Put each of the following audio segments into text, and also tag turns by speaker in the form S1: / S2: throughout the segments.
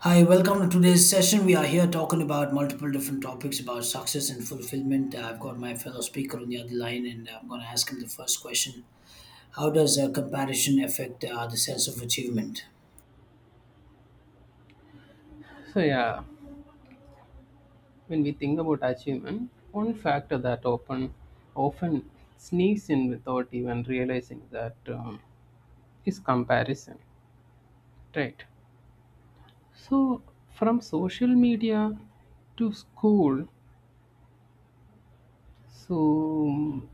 S1: Hi, welcome to today's session. We are here talking about multiple different topics about success and fulfillment. I've got my fellow speaker on the other line, and I'm going to ask him the first question. How does comparison affect the sense of achievement?
S2: So yeah, when we think about achievement, one factor that often sneaks in without even realizing that, is comparison, right? So from social media to school, so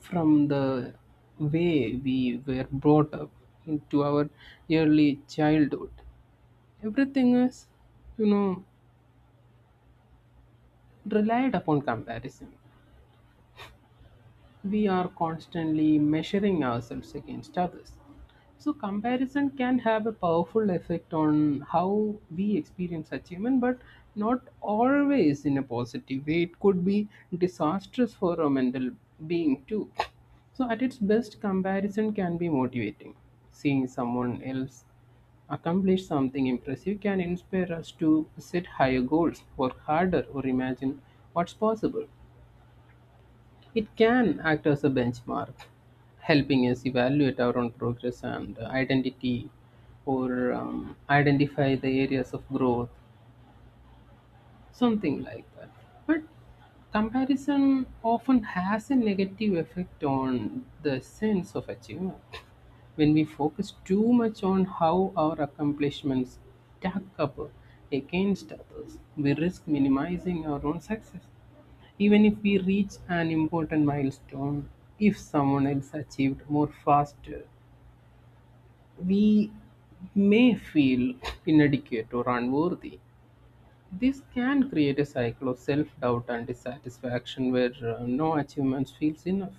S2: from the way we were brought up into our early childhood, everything is, you know relied upon comparison. We are constantly measuring ourselves against others. So, comparison can have a powerful effect on how we experience achievement, but not always in a positive way. It could be disastrous for our mental being, too. So, at its best, comparison can be motivating. Seeing someone else accomplish something impressive can inspire us to set higher goals, work harder, or imagine what's possible. It can act as a benchmark, helping us evaluate our own progress and identity, or identify the areas of growth, something like that. But comparison often has a negative effect on the sense of achievement. When we focus too much on how our accomplishments stack up against others, we risk minimizing our own success. Even if we reach an important milestone, if someone else achieved more faster, we may feel inadequate or unworthy. This can create a cycle of self doubt and dissatisfaction where no achievement feels enough.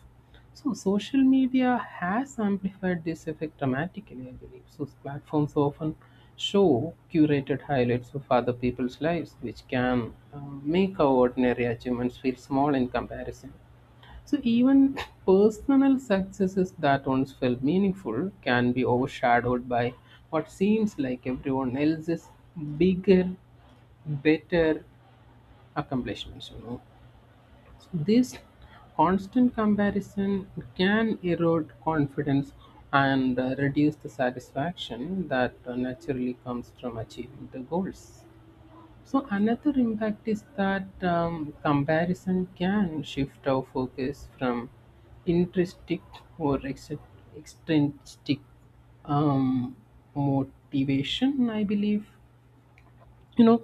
S2: So, social media has amplified this effect dramatically, I believe. So, platforms often show curated highlights of other people's lives, which can make our ordinary achievements feel small in comparison. So, even personal successes that once felt meaningful can be overshadowed by what seems like everyone else's bigger, better accomplishments. You know, so this constant comparison can erode confidence and reduce the satisfaction that naturally comes from achieving the goals. So another impact is that, comparison can shift our focus from intrinsic or extrinsic, um, motivation, I believe. You know,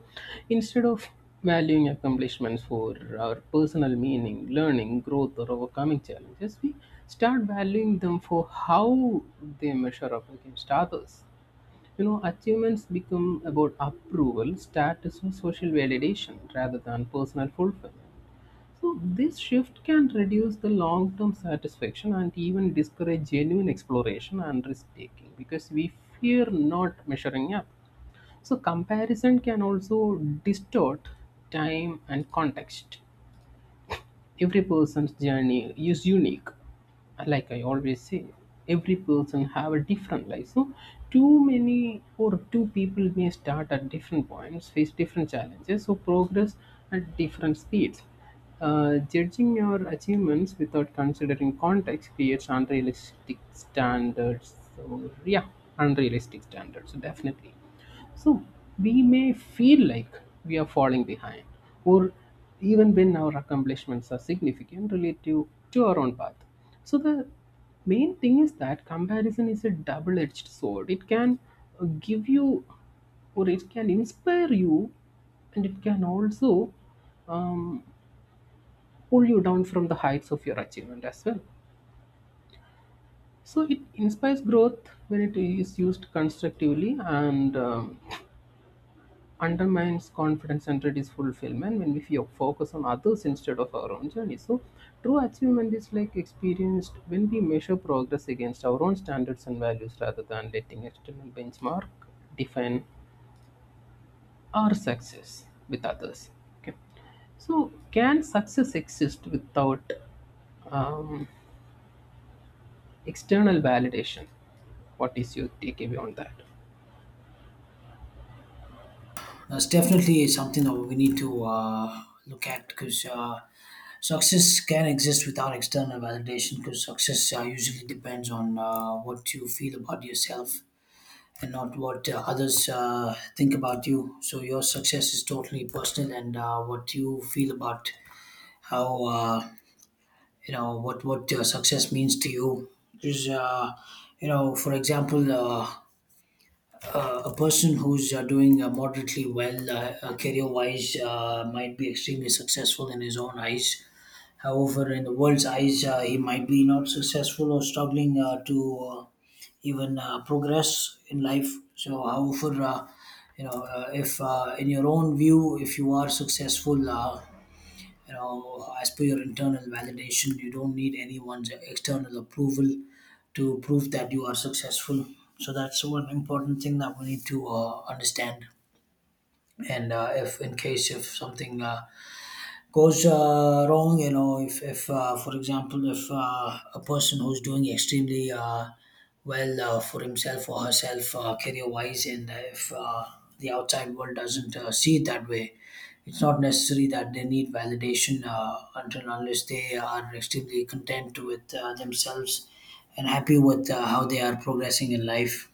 S2: instead of valuing accomplishments for our personal meaning, learning, growth, or overcoming challenges, we start valuing them for how they measure up against others. You know, achievements become about approval, status, or social validation rather than personal fulfillment. So this shift can reduce the long-term satisfaction and even discourage genuine exploration and risk-taking because we fear not measuring up. So, comparison can also distort time and context. Every person's journey is unique. Like I always say, every person have a different life. So, too many or two people may start at different points, face different challenges, so progress at different speeds. Judging your achievements without considering context creates unrealistic standards. So, yeah, unrealistic standards. So definitely. So we may feel like we are falling behind, or even when our accomplishments are significant relative to our own path. So the main thing is that comparison is a double edged sword. It can give you, or it can inspire you, and it can also, um, pull you down from the heights of your achievement as well. So it inspires growth when it is used constructively, and undermines confidence and it is fulfillment when we feel, focus on others instead of our own journey. So true achievement is like experienced when we measure progress against our own standards and values rather than letting external benchmark define our success with others. Okay, so can success exist without, um, external validation? What is your takeaway on that?
S1: That's definitely something that we need to look at because success can exist without external validation because success usually depends on what you feel about yourself and not what others think about you. So your success is totally personal, and what you feel about how you know what success means to you is you know, for example, a person who's doing moderately well career wise might be extremely successful in his own eyes. However, in the world's eyes, he might be not successful or struggling to even progress in life. So, however, if in your own view, if you are successful, as per your internal validation, you don't need anyone's external approval to prove that you are successful. So that's one important thing that we need to understand. And if in case if something goes wrong, you know, if for example, if a person who's doing extremely well for himself or herself career wise, and if the outside world doesn't see it that way, it's not necessary that they need validation until and unless they are extremely content with themselves and happy with how they are progressing in life.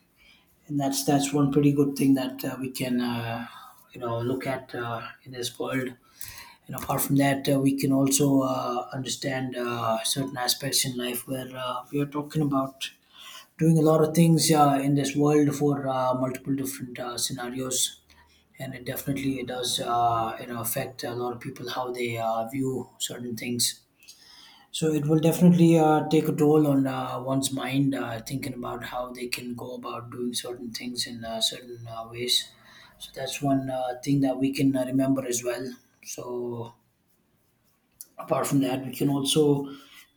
S1: And that's one pretty good thing that we can you know, look at in this world. And apart from that, we can also understand certain aspects in life where we are talking about doing a lot of things in this world for multiple different scenarios. And it definitely does you know, affect a lot of people how they view certain things. So it will definitely take a toll on one's mind, thinking about how they can go about doing certain things in certain ways. So that's one thing that we can remember as well. So apart from that, we can also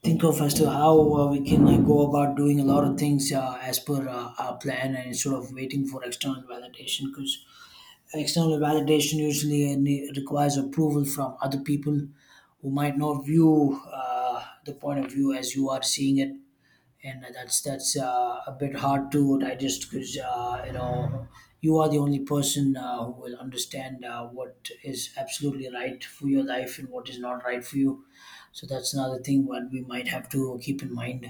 S1: think of as to how we can go about doing a lot of things as per our plan, and instead of waiting for external validation, because external validation usually requires approval from other people who might not view the point of view as you are seeing it. And that's a bit hard to digest, because you know, you are the only person who will understand what is absolutely right for your life and what is not right for you. So that's another thing what we might have to keep in mind.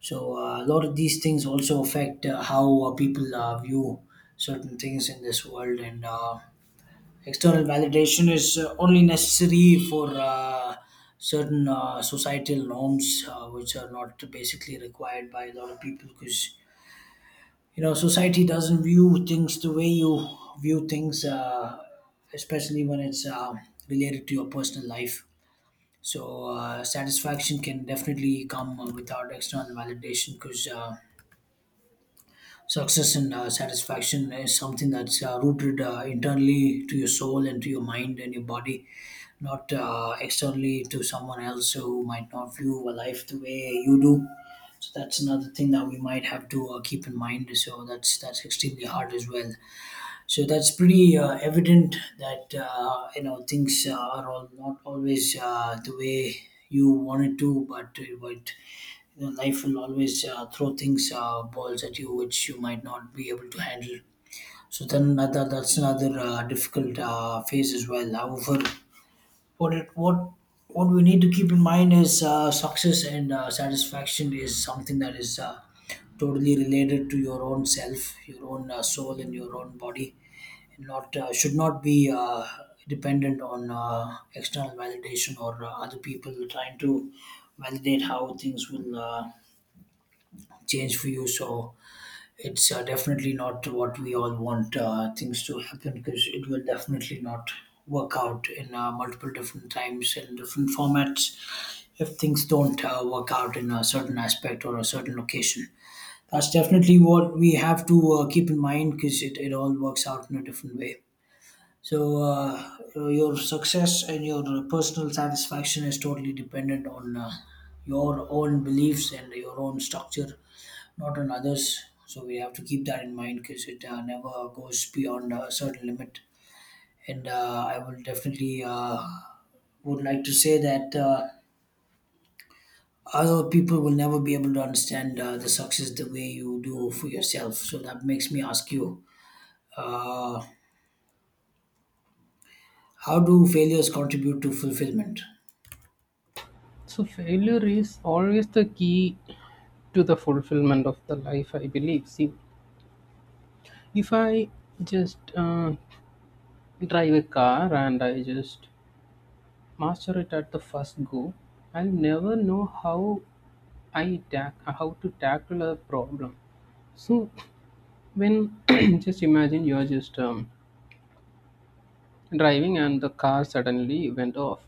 S1: So a lot of these things also affect how people view certain things in this world. And. Uh, External validation is only necessary for certain societal norms, which are not basically required by a lot of people, because you know, society doesn't view things the way you view things, especially when it's related to your personal life. So satisfaction can definitely come without external validation. Because. Uh, Success and satisfaction is something that's rooted internally to your soul and to your mind and your body, not externally to someone else who might not view a life the way you do. So that's another thing that we might have to keep in mind. So that's extremely hard as well. So that's pretty evident that you know, things are all not always the way you wanted to, but you know, life will always throw things, balls at you, which you might not be able to handle. So then another, that's another difficult phase as well. However, what it, what we need to keep in mind is success and satisfaction is something that is totally related to your own self, your own soul, and your own body, and not should not be dependent on external validation, or other people trying to validate how things will change for you. So it's definitely not what we all want things to happen, because it will definitely not work out in multiple different times and different formats if things don't work out in a certain aspect or a certain location. That's definitely what we have to keep in mind, because it all works out in a different way. So your success and your personal satisfaction is totally dependent on your own beliefs and your own structure, not on others. So we have to keep that in mind, because it never goes beyond a certain limit. And I will definitely would like to say that other people will never be able to understand the success the way you do for yourself. So that makes me ask you, how do failures contribute to fulfillment?
S2: So failure is always the key to the fulfillment of the life, I believe. See, if I just drive a car and I just master it at the first go, I'll never know how I tack how to tackle a problem. So when just imagine you're just, driving and the car suddenly went off.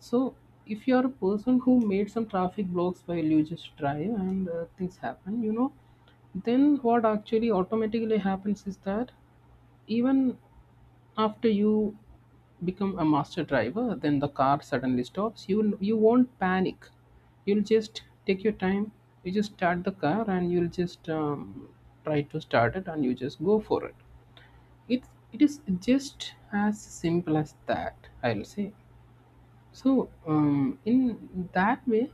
S2: So if you're a person who made some traffic blocks while you just drive and things happen, you know, then what actually automatically happens is that even after you become a master driver, then the car suddenly stops, you won't panic. You'll just take your time, you just start the car, and you'll just, try to start it and you just go for it. It it is just as simple as that, I'll say. So, in that way,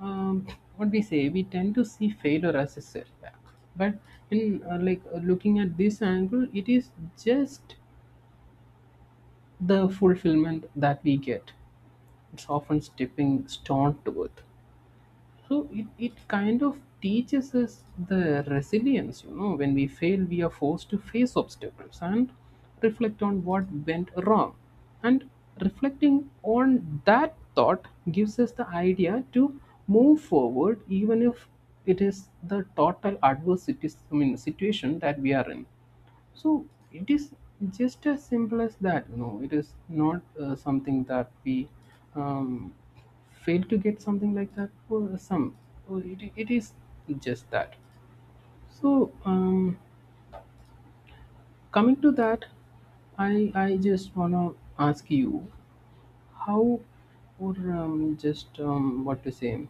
S2: um, what we say, we tend to see failure as a setback, but in, looking at this angle, it is just the fulfillment that we get. It's often stepping stone to it. So it kind of teaches us the resilience. You know, when we fail, we are forced to face obstacles and reflect on what went wrong. And reflecting on that thought gives us the idea to move forward, even if it is the total adverse situ- I mean, situation that we are in. So it is just as simple as that. You know, it is not something that we, um, fail to get something like that for some. Or it is just that. So, coming to that, I just wanna ask you how, or just what to say.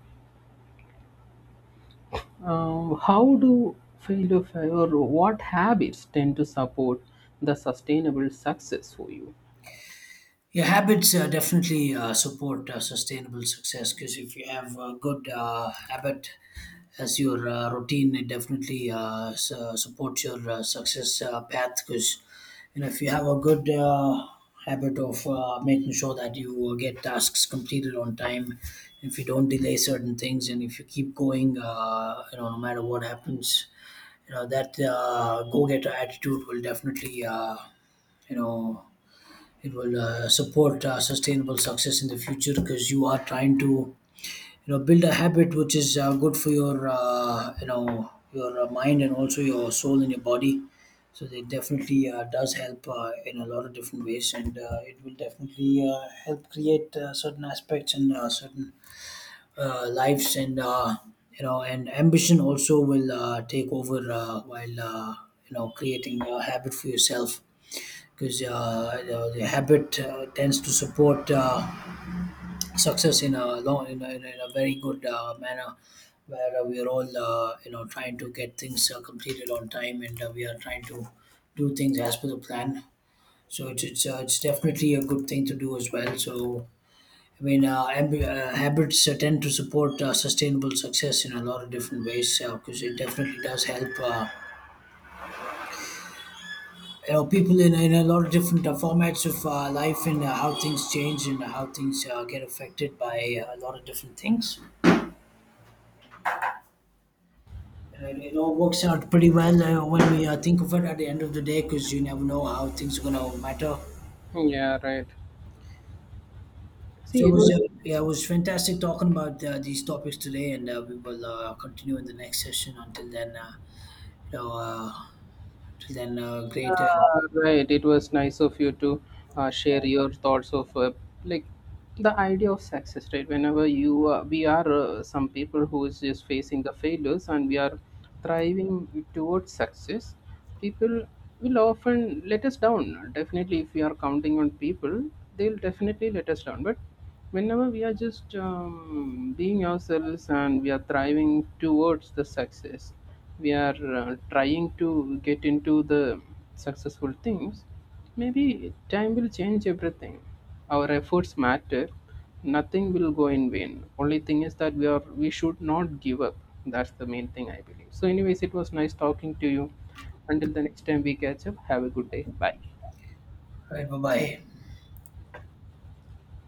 S2: How do or what habits tend to support the sustainable success for you?
S1: Yeah, habits definitely support sustainable success, because if you have a good habit as your routine, it definitely supports your success path. Because you know, if you have a good habit of making sure that you get tasks completed on time, if you don't delay certain things, and if you keep going, you know, no matter what happens, you know that go-getter attitude will definitely, you know, it will support sustainable success in the future, because you are trying to, you know, build a habit which is good for your mind, and also your soul and your body. So it definitely does help in a lot of different ways, and it will definitely help create certain aspects and certain lives. And you know, and ambition also will take over while you know, creating a habit for yourself. Because the habit tends to support success in a long in a, in a in a very good manner, where we are all you know, trying to get things completed on time, and we are trying to do things as per the plan. So it's definitely a good thing to do as well. So I mean, habits tend to support sustainable success in a lot of different ways, because it definitely does help, you know, people in a lot of different formats of life, and how things change, and how things get affected by a lot of different things. You know, it all works out pretty well when we think of it at the end of the day, because you never know how things are going to matter.
S2: Yeah, right.
S1: So
S2: See,
S1: it
S2: it
S1: was
S2: was,
S1: yeah, it was fantastic talking about these topics today, and we will continue in the next session. Until then you know until then great
S2: yeah, right. It was nice of you to share your thoughts of, like the idea of success, right? Whenever you we are some people who is just facing the failures and we are thriving towards success, people will often let us down. Definitely, if we are counting on people, they'll definitely let us down. But whenever we are just, being ourselves and we are thriving towards the success, we are trying to get into the successful things. Maybe time will change everything. Our efforts matter, nothing will go in vain. Only thing is that we should not give up. That's the main thing, I believe. So anyways, it was nice talking to you. Until the next time we catch up, have a good day. Bye.
S1: Right, bye bye.